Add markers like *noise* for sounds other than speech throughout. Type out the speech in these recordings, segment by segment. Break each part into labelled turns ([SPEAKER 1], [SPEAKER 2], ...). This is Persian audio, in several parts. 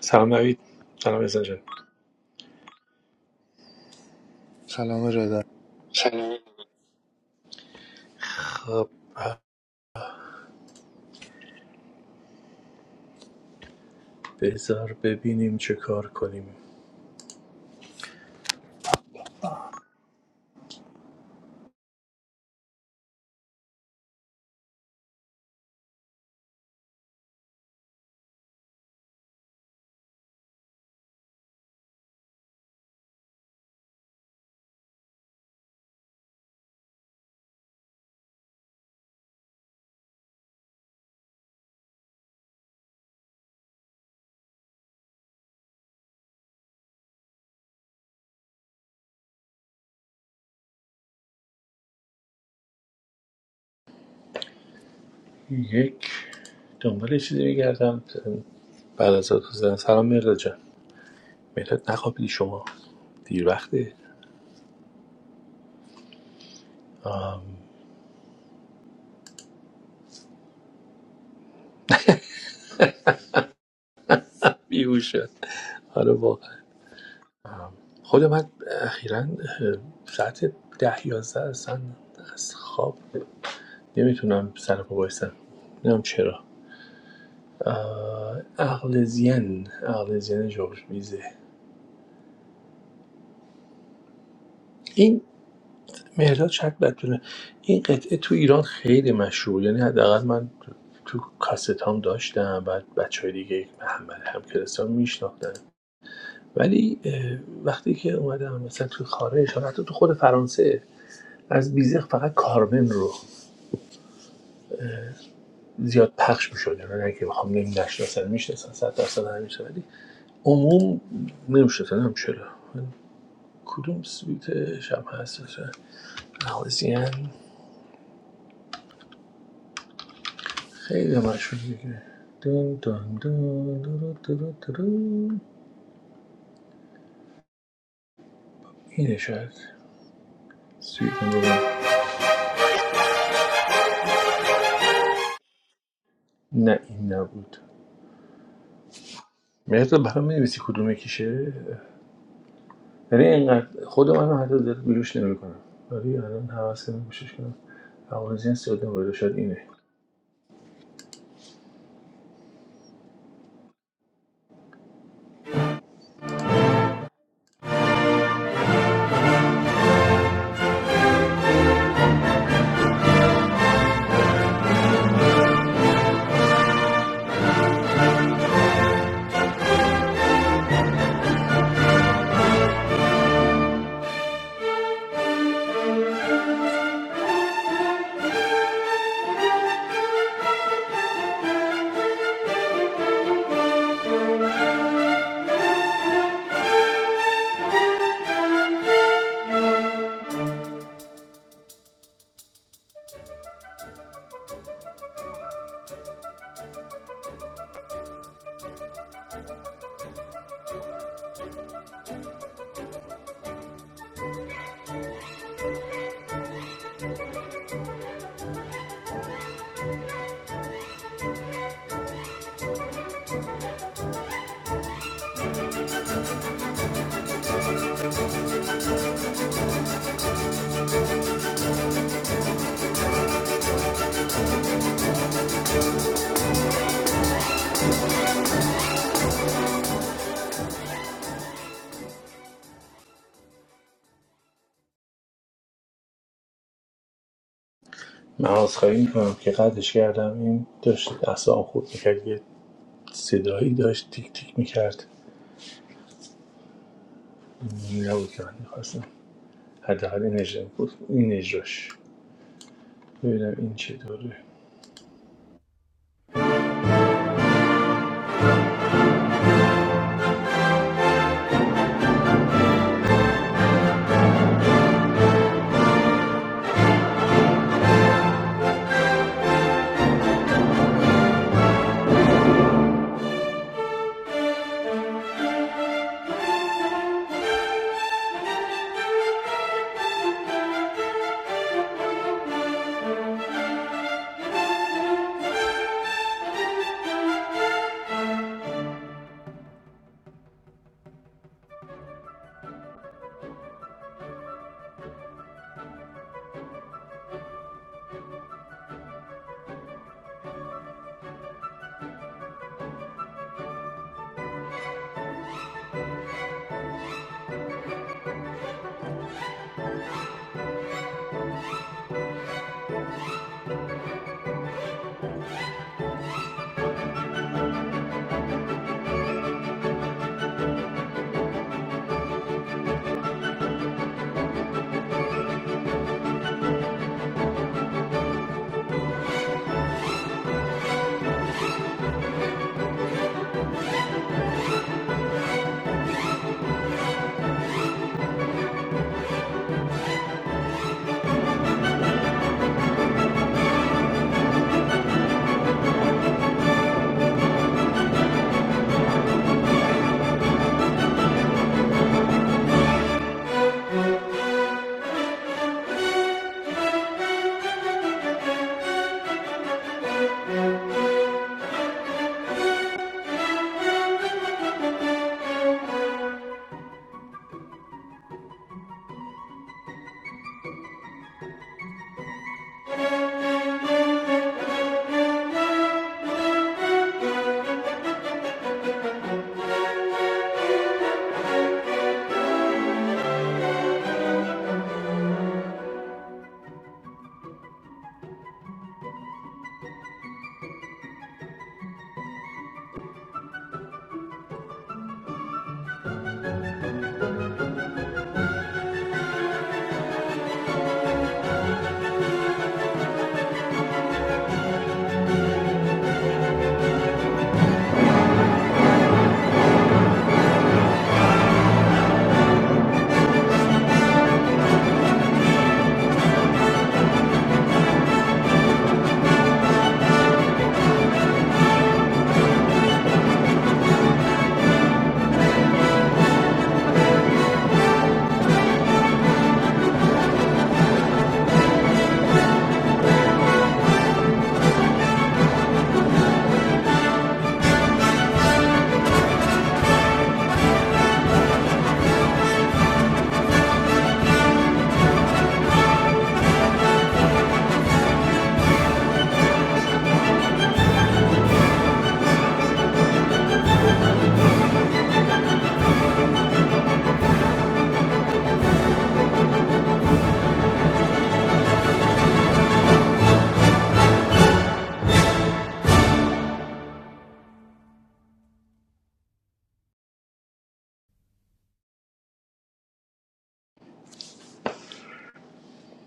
[SPEAKER 1] سلام نوید سلام اسنجه
[SPEAKER 2] Assalamu alaikum.
[SPEAKER 1] سلام خب بذار ببینیم چه کار کنیم یک دنبال یه چیزی میگردم بعد از تو زدن سلام مرداد جان مرداد نخوابیدی شما دیر وقته آم، بیهوش شد حالا واقعا آم، خود من اخیرا ساعت ده یازده اصلا از خواب نمیتونم سر پا بایستم نمیدونم چرا آه، عقل زین عقل زین جورج میزه این مهرداد شک بد بدونه این قطعه تو ایران خیلی مشهور یعنی حداقل من تو تو کاستام داشتم بعد بچه های دیگه محمد هم کلاسام میشناختن ولی اه، وقتی که اومدم مثلا تو خارج حالا حتی تو خود فرانسه از بیزق فقط کارمن رو زیاد پخش میشد یعنی نه که بخوام نمی نشناسن میشناسن صد درصد همیشه ولی عموم نمیشناسن هم چرا کدوم سویت شب هست مثلا؟ خیلی مشهور دیگه دون دون دون درو درو درو. اینه شاید سویت نمبر وان نه این نبود مرتا برام می‌نویسی کدوم کیشه ولی اینقدر خود منو حتی دل بلوش نمی‌کنم ولی الان حواس کنم گوشش کنم اوازین ساده مورد شاید اینه من از خواهی میکنم که قدش کردم این داشت اصلا خود میکرد یه صدایی داشت تیک تیک میکرد نبود که من میخواستم حداقل این اجرا بود این اجراش ببینم این چطوره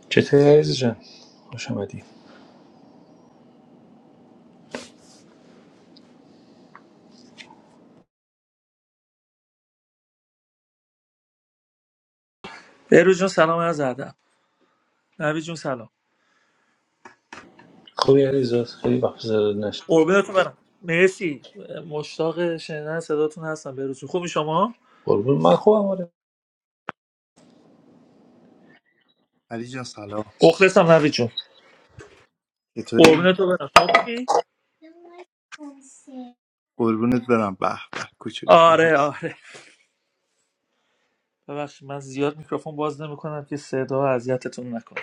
[SPEAKER 1] چطوری عزیز جان خوش آمدی
[SPEAKER 3] بهروز جون سلام از ادب نوید جون سلام
[SPEAKER 1] خوبی عزیز خیلی وقت زر نشد
[SPEAKER 3] قربونتون برم مرسی مشتاق شنیدن صداتون هستم بهروز جون خوبی شما
[SPEAKER 1] قربون من خوبم آره
[SPEAKER 2] Hello. Hello.
[SPEAKER 3] مخلصم نوید جون
[SPEAKER 2] It's a little
[SPEAKER 3] قربونتون برم شما خوبی
[SPEAKER 2] urbanite, but I'm back. Back. A little
[SPEAKER 3] آره
[SPEAKER 2] bit.
[SPEAKER 3] آره ببخشید من زیاد میکروفون باز نمیکنم که صدا اذیتتون نکنه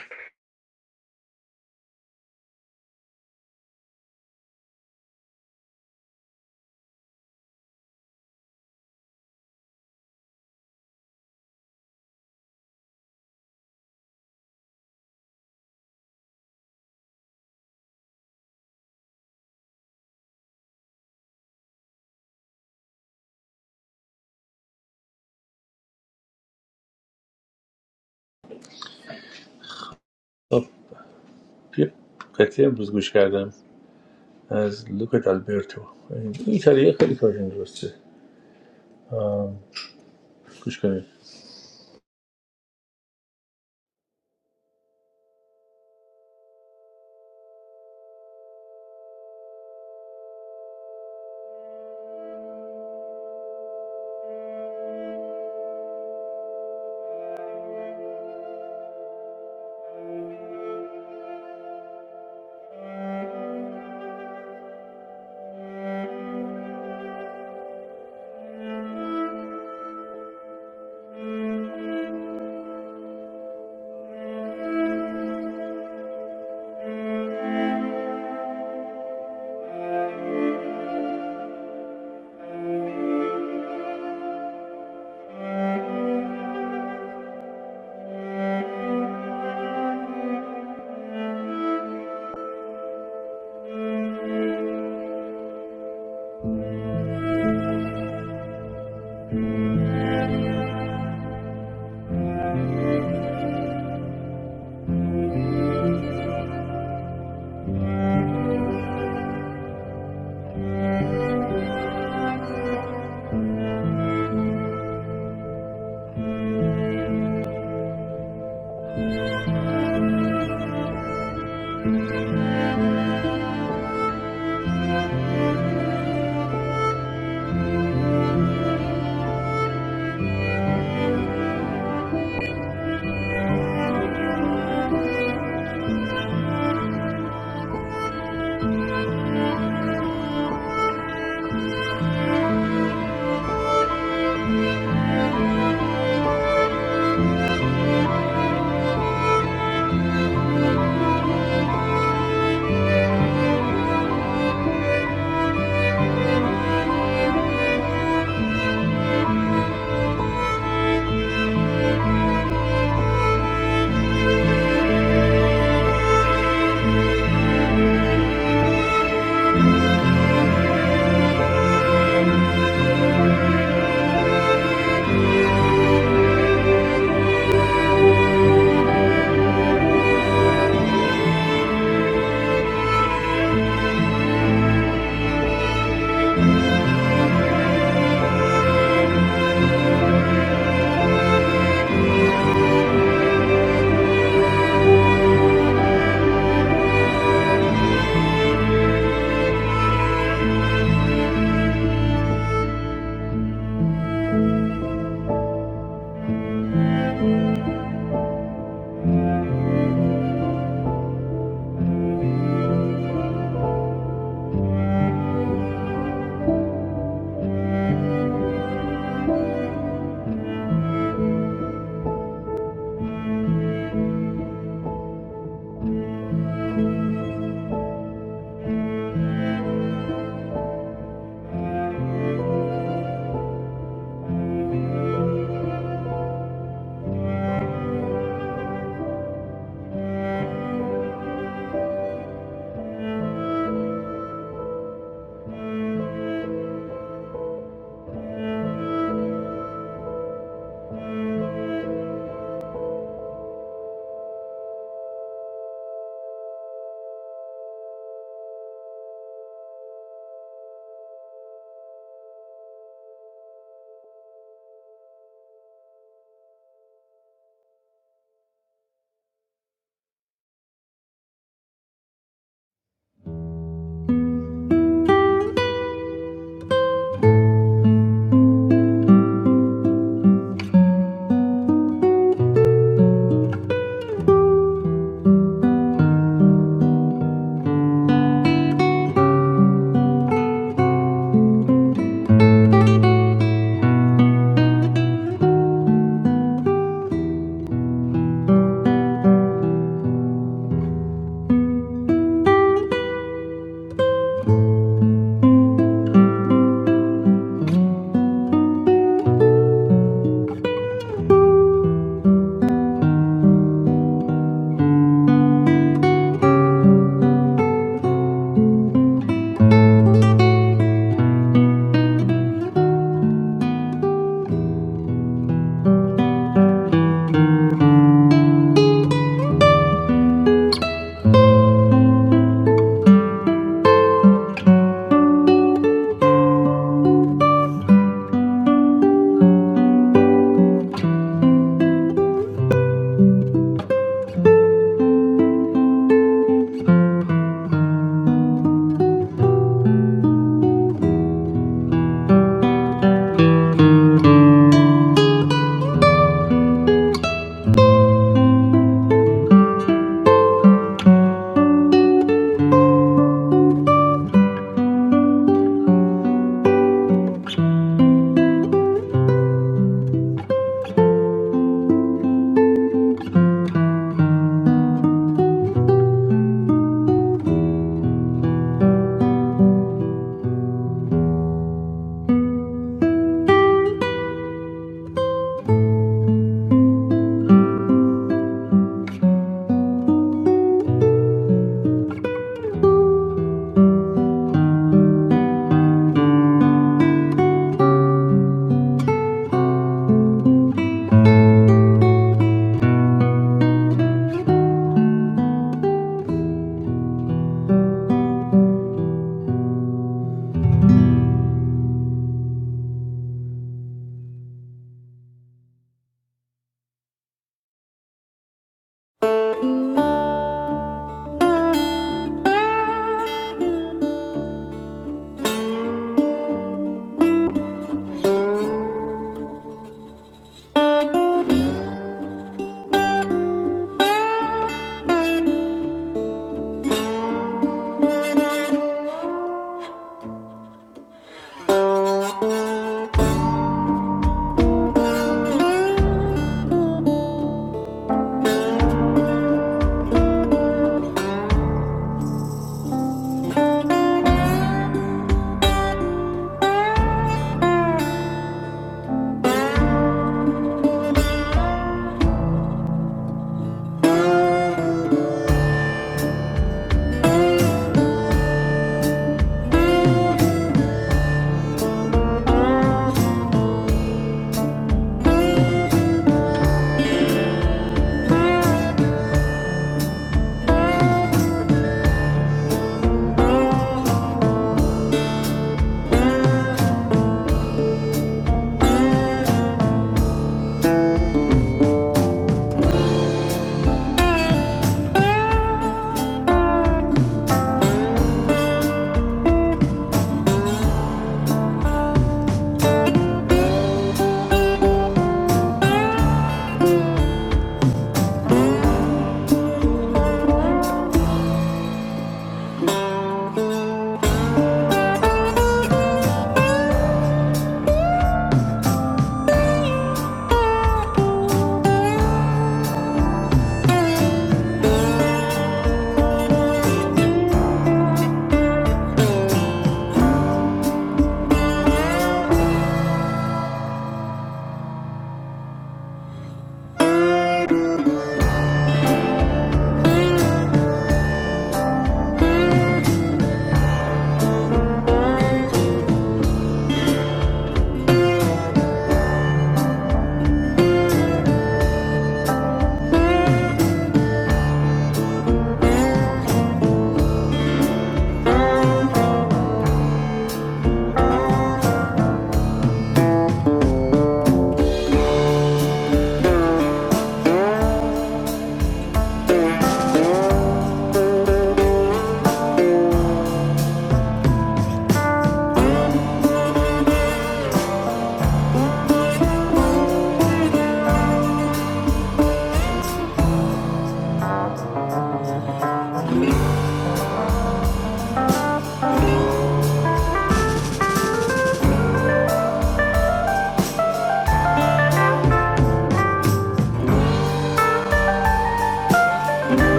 [SPEAKER 1] خب، یه قطعه امروز گوش کردم از لوکا دالبرتو این ایتالیا خیلی کارشون درسته گوش کنید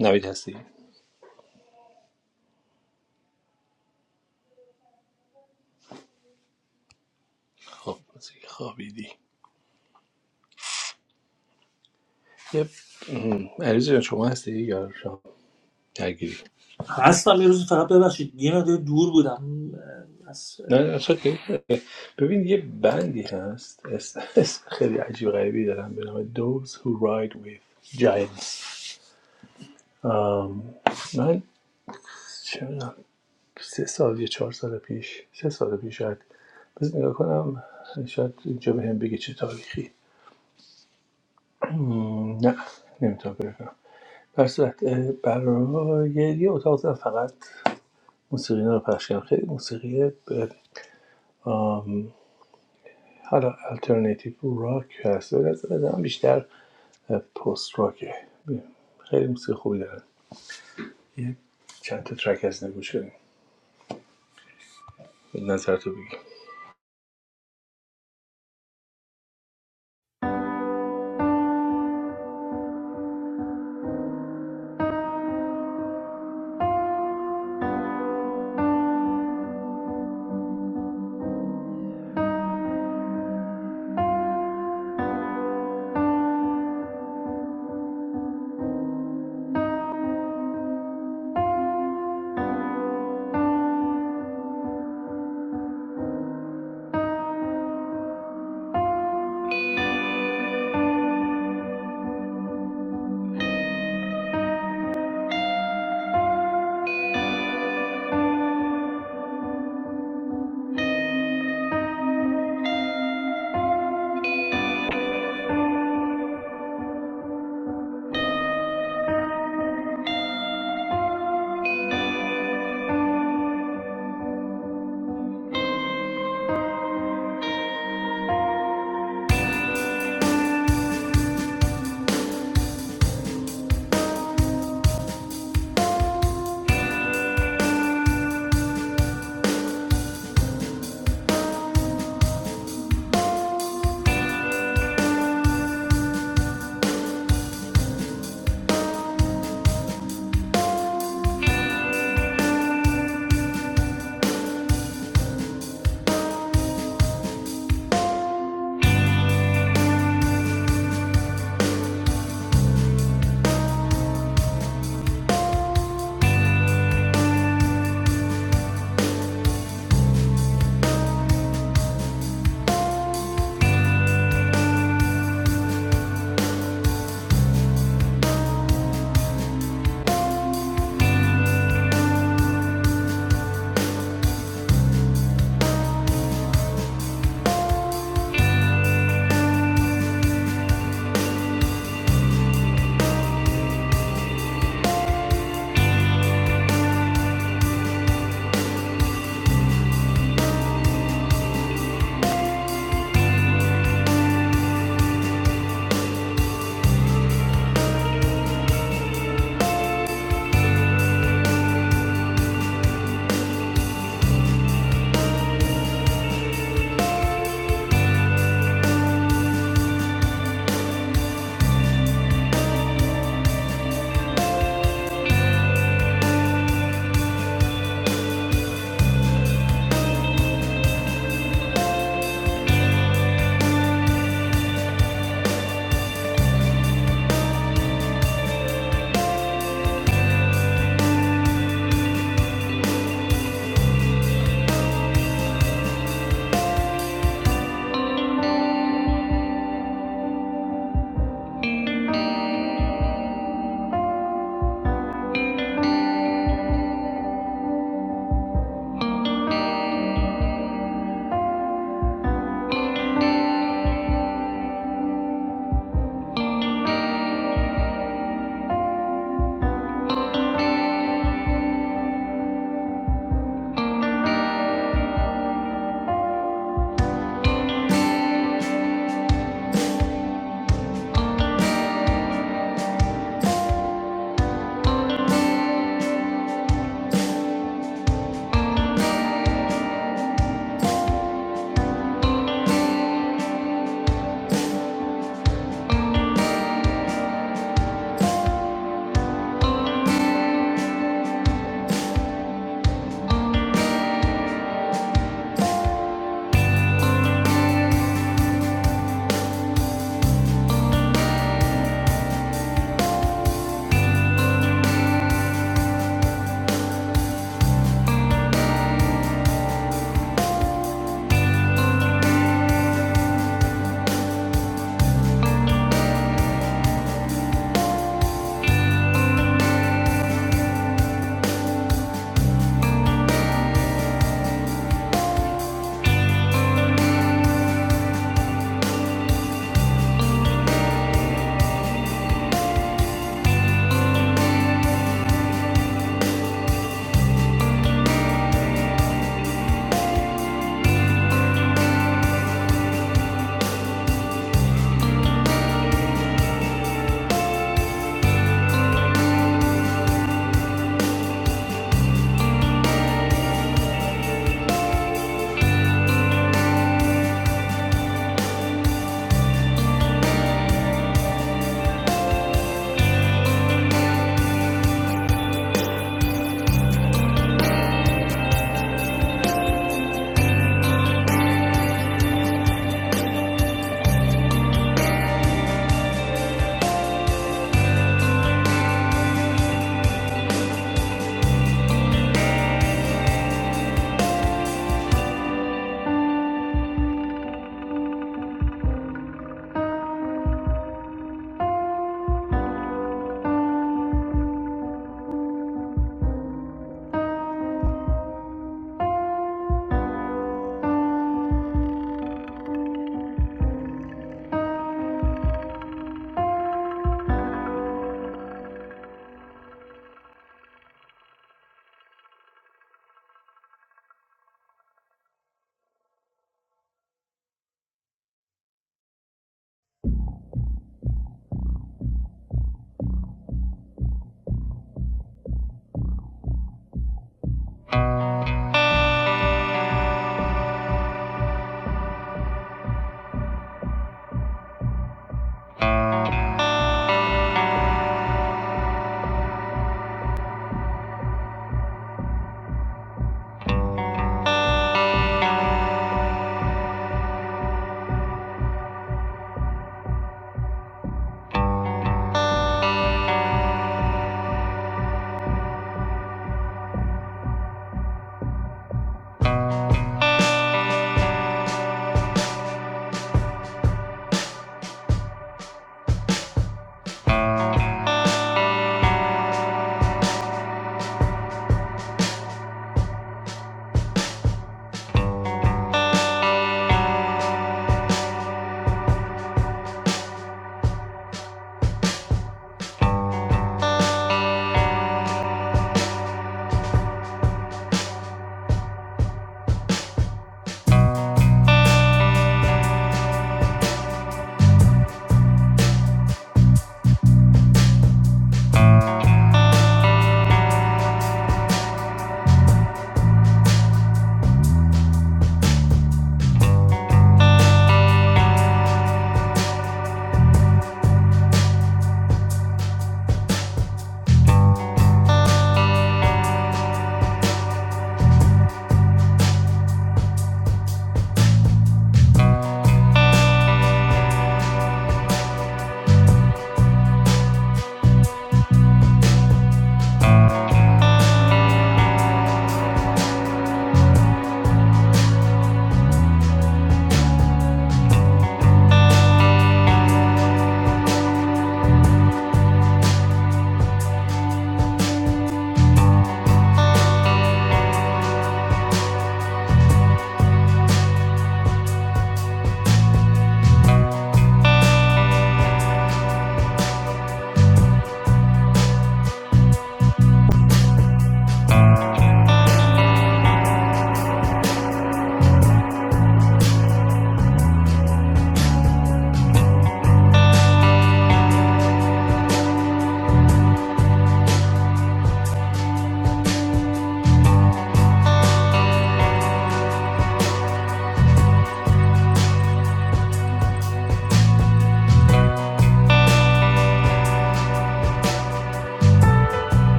[SPEAKER 1] نوید هستی خب از اینکه خوابیدی یه م، عزیز جان شما هستی یا شما درگیری
[SPEAKER 3] هستم یه روز فقط ببخشید یه مقدار دور بودم از-
[SPEAKER 1] نه نه اوکی. ببین یه بندی هست اسم اسم خیلی عجیب غریبی دارم به نام Those Who Ride With Giants آم، من چه می‌دونم، سه سال یا چهار سال پیش سه سال پیش شاید بذار نگاه کنم شاید اینجا به هم بگه چه تاریخی مم، نه نمیتونم بگم. در صورت برای یه اتاق زدم فقط موسیقی رو پخش کردم خیلی موسیقی ب- آم، حالا الटरनेटیو راک هست به نظرم بیشتر پست راکه خیلی موسیقی خوبی دارن یه چند تا ترک از اینا گوش کنیم نظر تو بگیم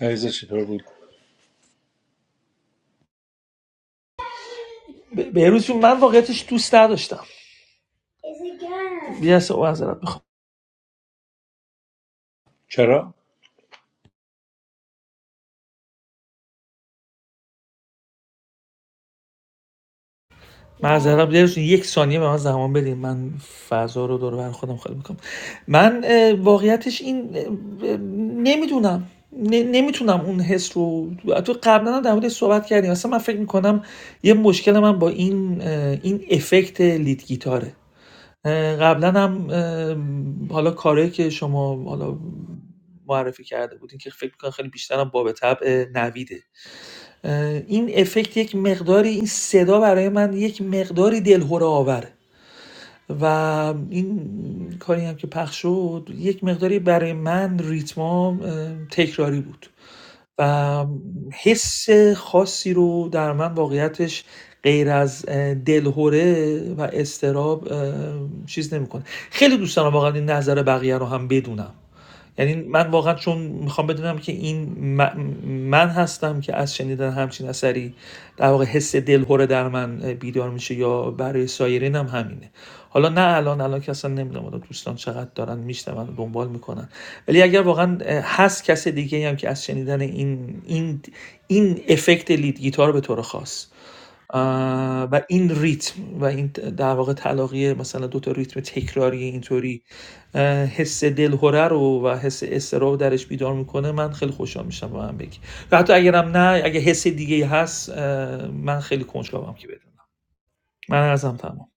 [SPEAKER 1] عریضه چطور بود
[SPEAKER 3] به- بهروز جون من واقعیتش دوست نداشتم یه از معذرت میخوام
[SPEAKER 1] چرا؟
[SPEAKER 3] معذرت دلشون یک ثانیه به من زمان بدین من فضا رو دور و بر خودم خالی میکنم من واقعیتش این نمیدونم نمیتونم اون حس رو تو قبلا هم در موردش صحبت کردیم اصلا من فکر میکنم یه مشکل من با این این افکت لید گیتاره اه، قبلا هم حالا کاری که شما حالا معرفی کرده بودین که فکر میکنم خیلی بیشتر هم باب طبع نویده این افکت یک مقداری این صدا برای من یک مقداری دلهوره آوره و این کاری هم که پخش شد یک مقداری برای من ریتمام تکراری بود و حس خاصی رو در من واقعیتش غیر از اه، و استراب چیز نمیکنه خیلی دوست دارم واقعا این نظر بقیه رو هم بدونم یعنی من واقعا چون میخوام بدونم که این من هستم که از شنیدن همچین اثری در واقع حس دلهوره در من بیدار میشه یا برای سایرین هم همینه حالا نه الان الان که اصلا نمیدونم حالا دوستان چقدر دارن میشنون دنبال میکنن ولی اگر واقعا هست کس دیگه هم که از شنیدن این این این افکت لید گیتار به طور خاص و این ریتم و این در واقع تلاقی مثلا دو تا ریتم تکراری اینطوری حس دلهوره رو و حس استرا رو درش بیدار میکنه من خیلی خوشحال میشم با هم بگی و حتی اگرم نه اگه حس دیگه هست من خیلی کنجکاوم که بدونم من ازم تمام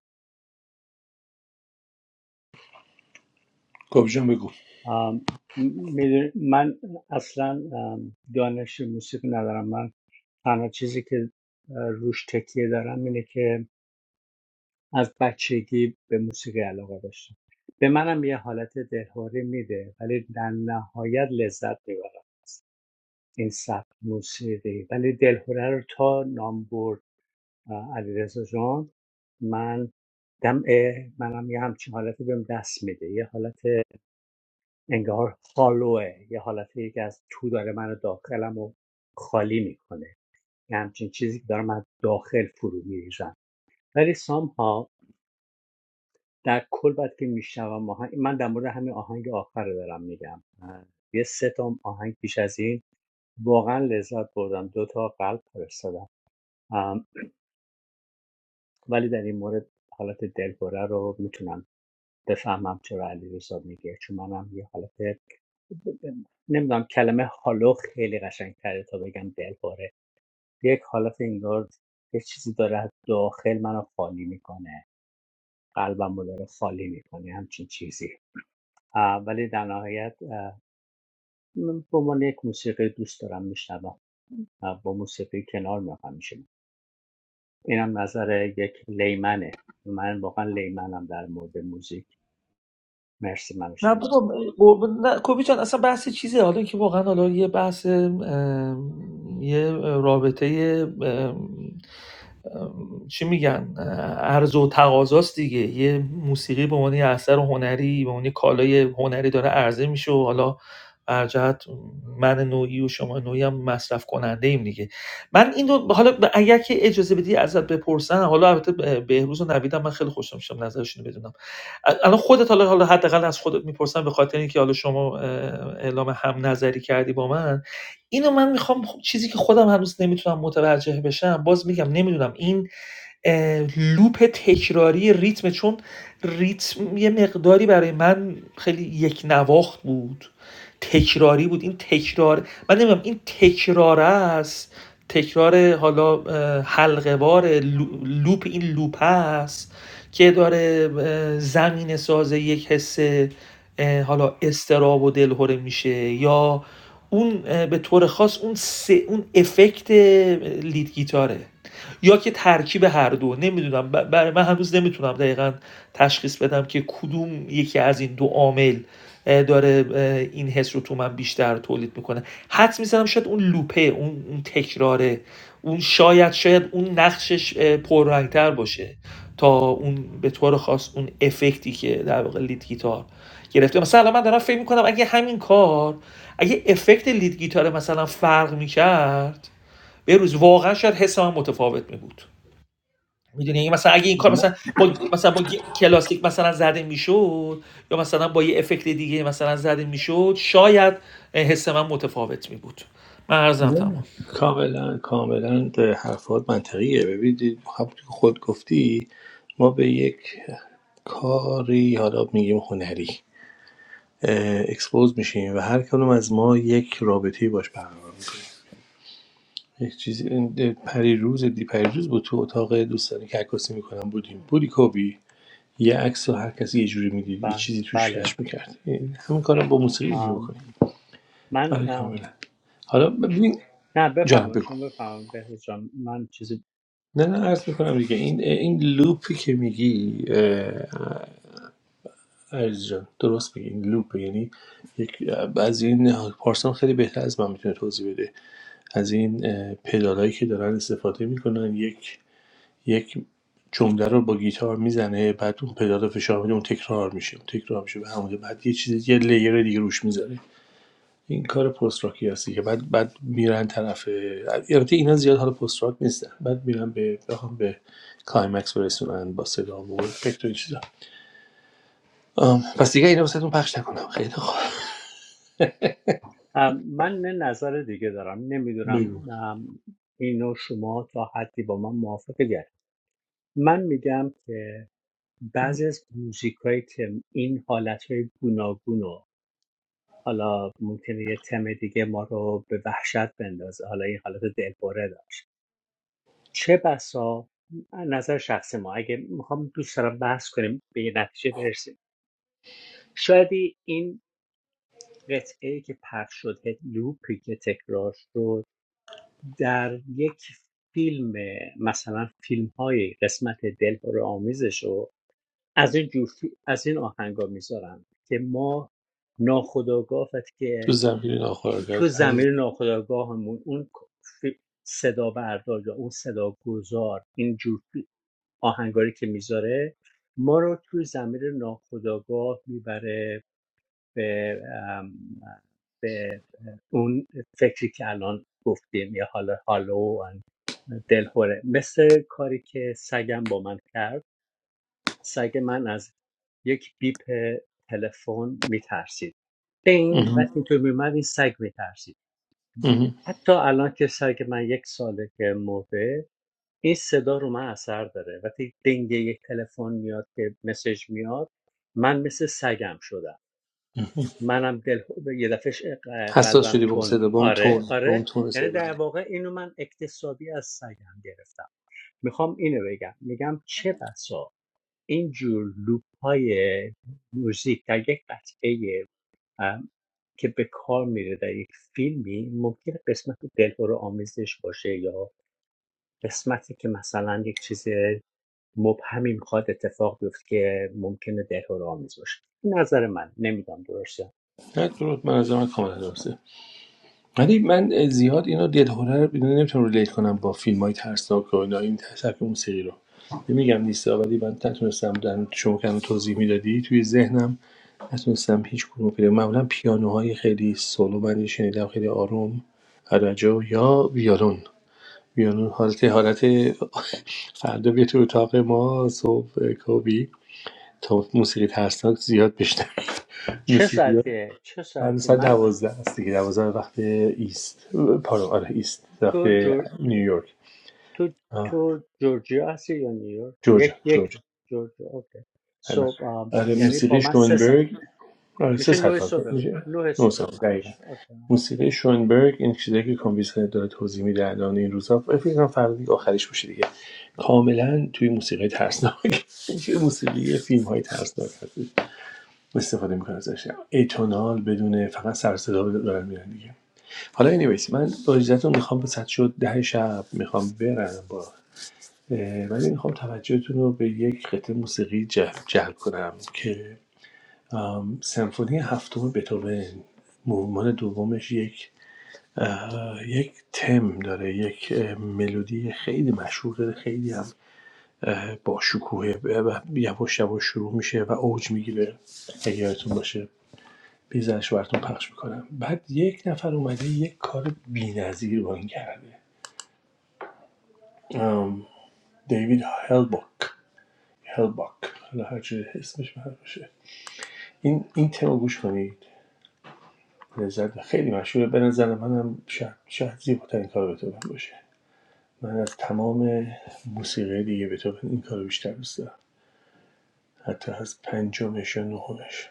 [SPEAKER 1] کابجان بگو
[SPEAKER 4] ام، می‌دونی، من اصلا ام، دانش موسیقی ندارم من تنها چیزی که اه، روش تکیه دارم اینه که از بچگی به موسیقی علاقه داشتم به منم یه حالت دلخوری میده ولی در نهایت لذت میبرم از این سبک موسیقی ولی دلخوره رو تا نام برد اه، علیرضا جان من دم اه، منم یه همچین حالتی بهم دست میده یه حالت انگار هالوه یه حالتی که از تو داره منو داخلم و خالی میکنه یه همچین چیزی که دارم از داخل فرو میریزم ولی سامها در کل بعد که میشنوم آهنگ من در مورد همین آهنگ آخر رو دارم میگم یه سه تا آهنگ پیش از این واقعا لذت بردم دو تا قلب فرستادم ولی در این مورد حالت دلخوره رو میتونم بفهمم چرا علی میگه چون منم یه حالت نمیدونم کلمه هالو خیلی قشنگتره تا بگم دلپره یک حالت انگار یه چیزی داره از داخل منو خالی میکنه قلبم رو داره خالی میکنه همچین چیزی آه، ولی در نهایت آه، من به عنوان یک موسیقی دوست دارم میشنوم با موسیقی کنار میام همیشه اینم نظر یک لیمنه من واقعا لیمنم در مورد موزیک مرسی منو
[SPEAKER 3] نه
[SPEAKER 4] شنید
[SPEAKER 3] بابا قربون- نه کوبی جان اصلا بحث چیزه حالا که واقعا حالا یه بحث یه رابطه چی میگن اه، عرض و تقاضاست دیگه یه موسیقی به عنوان یه اثر هنری به عنوان یه کالای هنری داره عرضه میشه و حالا بر جهت من نوعی و شما نوعی هم مصرف کننده ایم دیگه من این رو حالا ب- اگر که اجازه بدی ازت بپرسن حالا البته ب- بهروز و نویدم من خیلی خوشم میشم نظرشون رو بدونم ال- الان خودت حالا حالا حداقل از خودت میپرسم به خاطر اینکه حالا شما اه، اعلام هم نظری کردی با من اینو من میخوام چیزی که خودم هنوز نمیتونم متوجه بشم باز میگم نمیدونم این اه، لوپ تکراری ریتم چون ریتم یه مقداری برای من خیلی یک نواخت بود تکراری بود این تکرار من نمیدونم این تکرار است تکرار حالا حلقه‌وار حلقه لوپ این لوپ است که داره زمین ساز یک حس حالا استراب و دلهوره میشه یا اون به طور خاص اون سه اون افکت لید گیتاره یا که ترکیب هر دو نمیدونم برای من هنوز نمیتونم دقیقا تشخیص بدم که کدوم یکی از این دو عامل داره این حس رو تو من بیشتر تولید میکنه حد میزنم شاید اون لوپه اون, اون تکراره اون شاید شاید اون نقشش پررنگتر باشه تا اون به طور خاص اون افکتی که در واقع لید گیتار گرفته مثلا من دارم فکر میکنم اگه همین کار اگه افکت لید گیتار مثلا فرق میکرد به روز واقعا شاید حس متفاوت می‌بود. بود میدونی مثلا اگه این کار مثلا با مثلا با گی- کلاسیک مثلا زده میشد یا مثلا با یه افکت دیگه مثلا زده میشد شاید حس من متفاوت می‌بود. بود من عرضم تمام
[SPEAKER 1] نه کاملا کاملا به حرفات منطقیه ببینید همونطور که خود گفتی ما به یک کاری حالا میگیم هنری اه، اکسپوز میشیم و هر کدوم از ما یک رابطه باش برقرار میکنیم یک چیزی این پری روز دی پری روز بود تو اتاق دوستانی که عکاسی میکنم بودیم بودی کوبی یه عکس رو هر کسی یه جوری میدید یه چیزی توش
[SPEAKER 4] بله
[SPEAKER 1] کش میکرد همین کارم با موسیقی میتونی بکنیم
[SPEAKER 4] آم، من
[SPEAKER 1] آره
[SPEAKER 4] آم،
[SPEAKER 1] کاملا حالا ببین
[SPEAKER 4] نه
[SPEAKER 1] جانم
[SPEAKER 4] بفهمم
[SPEAKER 1] بگو
[SPEAKER 4] شما بفهمم بهروز جان من چیزی
[SPEAKER 1] نه نه عرض میکنم دیگه این این لوپی که میگی عرض جان درست میگی این لوپ یعنی یک از این پارسان خیلی بهتر از من میتونه توضیح بده از این اه، پدالایی که دارن استفاده میکنن یک یک جمله رو با گیتار میزنه بعد اون پدال رو فشار میده اون تکرار میشه اون تکرار میشه به همون بعد یه چیز یه لیر دیگه روش میذاره این کار پست راکی هستی که بعد بعد میرن طرف البته اینا زیاد حالا پست راک نیستن بعد میرن به بخوام به کلایمکس برسونن با صدا و افکت و این چیزا پس دیگه اینو واسهتون پخش نکنم خیلی خوب
[SPEAKER 4] ام، من نه نظر دیگه دارم نمیدونم
[SPEAKER 1] بگو
[SPEAKER 4] اینو شما تا حدی با من موافق گرد من میگم که بعضی از موزیک که این حالت های گوناگون رو حالا ممکنه یه تم دیگه ما رو به وحشت بندازه حالا این حالت دلبره داشت چه بسا نظر شخص ما اگه میخوام دوست دارم بحث کنیم به یه نتیجه برسیم شاید این قطعه که پخش شد لوپی که تکرار شد در یک فیلم مثلا فیلم های قسمت دلهور آمیزش رو از این جور از این آهنگا میذارن که ما ناخودآگاه وقتی
[SPEAKER 1] تو
[SPEAKER 4] که
[SPEAKER 1] زمین
[SPEAKER 4] تو
[SPEAKER 1] ناخوراگاهت پذیر
[SPEAKER 4] زمین ناخداگاهمون اون فی- صدا بردار یا اون صدا گذار این جور فی- آهنگاری که میذاره ما رو تو زمین ناخودآگاه میبره به به اون فکری که الان گفتیم یا حالا حالو و آن دلخوره مثل کاری که سگم با من کرد سگ من از یک بیپ تلفن میترسید دین وقتی
[SPEAKER 1] اها،
[SPEAKER 4] اینطور میومد این سگ میترسید
[SPEAKER 1] اها.
[SPEAKER 4] حتی الان که سگ من یک ساله که مرده این صدا رو من اثر داره وقتی دنگ یک تلفن میاد که مسج میاد من مثل سگم شدم منم دل یه دفعه
[SPEAKER 1] حساس
[SPEAKER 4] قلبم
[SPEAKER 1] شدی به اون
[SPEAKER 4] تون
[SPEAKER 1] صدا به اون تون
[SPEAKER 4] آره
[SPEAKER 1] به اون
[SPEAKER 4] آره
[SPEAKER 1] تون
[SPEAKER 4] یعنی
[SPEAKER 1] صدا
[SPEAKER 4] در
[SPEAKER 1] بله
[SPEAKER 4] واقع اینو من اکتسابی از سگم گرفتم میخوام اینو بگم میگم چه بسا اینجور لوپ های موزیک در یک قطعه که به کار میره در یک فیلمی ممکن قسمت دلهور آمیزش باشه یا قسمتی که مثلا یک چیز مبهمی میخواد اتفاق بیفته که ممکنه دلهور آمیز باشه این نظر من نمیدونم درسته
[SPEAKER 1] نه درود من از من کاملا درسته ولی من زیاد اینو دلهوره رو اینو نمیتونم ریلیت کنم با فیلمای ترسناک و اینا این سبک موسیقی رو نمیگم نیست ولی من نتونستم در شما که الان توضیح میدادی توی ذهنم نتونستم هیچ کدوم رو پیدا معمولا پیانوهای خیلی سولو من شنیدم خیلی آروم عرجو یا ویولون ویولون حالت حالت *laughs* فردا بیا تو اتاق ما صبح کوبی تا موسیقی ترسناک زیاد بشنوید
[SPEAKER 4] چه
[SPEAKER 1] موسیقی
[SPEAKER 4] ساعتیه چه
[SPEAKER 1] الان
[SPEAKER 4] ساعتیه
[SPEAKER 1] ساعت
[SPEAKER 4] من
[SPEAKER 1] دوازده است دیگه دوازده وقت ایست پارو آره ایست وقت
[SPEAKER 4] تو جور... تو
[SPEAKER 1] نیویورک
[SPEAKER 4] تو تو
[SPEAKER 1] آه.
[SPEAKER 4] جورجیا هستی یا نیویورک یک
[SPEAKER 1] جورجیا
[SPEAKER 4] یک
[SPEAKER 1] جورجیا
[SPEAKER 4] جورجیا اوکی
[SPEAKER 1] نه.
[SPEAKER 4] صبح آم،
[SPEAKER 1] آره
[SPEAKER 4] یعنی
[SPEAKER 1] موسیقی
[SPEAKER 4] با من سه ساعت
[SPEAKER 1] شونبرگ آره سه
[SPEAKER 4] میشه
[SPEAKER 1] ساعت
[SPEAKER 4] نه
[SPEAKER 1] کار
[SPEAKER 4] صبح
[SPEAKER 1] کرد.
[SPEAKER 4] من
[SPEAKER 1] میشه
[SPEAKER 4] نه
[SPEAKER 1] نه
[SPEAKER 4] صبح
[SPEAKER 1] ساعت
[SPEAKER 4] من
[SPEAKER 1] دقیقا
[SPEAKER 4] میشه اوکی.
[SPEAKER 1] موسیقی شونبرگ این چیزایی که کامپیوتر داره توضیح میده الان این روزا فکر کنم فردا دیگه آخرش باشه دیگه کاملا توی موسیقی ترسناک *laughs* توی موسیقی فیلم های ترسناک هست استفاده میکنه ازش اتونال بدون فقط سر صدا دارن میرن دیگه حالا انیویز من با اجازهتون میخوام وسط شد ده شب میخوام برم با اه، ولی میخوام توجهتون رو به یک قطعه موسیقی جلب, جلب کنم که آم، سمفونی هفتم بتوون مومان دومش یک اه، یک تم داره یک اه، ملودی خیلی مشهور داره خیلی هم اه، با شکوه و یواش یواش شروع میشه و اوج میگیره اگه یادتون باشه بیزنش براتون پخش میکنم بعد یک نفر اومده یک کار بی‌نظیر با این کرده ام، دیوید هلباک هلباک حالا هرچی جوری اسمش معروف شه. این این تم گوش کنید لذت خیلی مشهوره به نظر منم شاید شاید زیباترین کار بتون باشه من از تمام موسیقی دیگه بتون این کارو بیشتر دوست دارم حتی از پنجمش و نهمش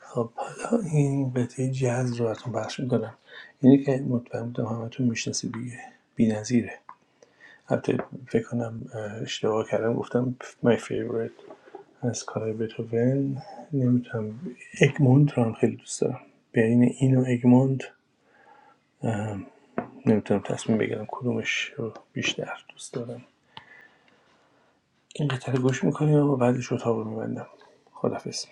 [SPEAKER 1] خب حالا این بته جاز رو براتون پخش میکنم اینی که مطمئن بودم همتون میشناسید دیگه بی‌نظیره البته فکر کنم اه، اشتباه کردم گفتم my favorite از کار بتهوون نمیتونم ادموند رو هم خیلی دوست دارم بین این و ادموند نمیتونم تصمیم بگیرم کدومش رو بیشتر دوست دارم این قطعه گوش میکنیم و بعدش اتاق رو میبندم خدافز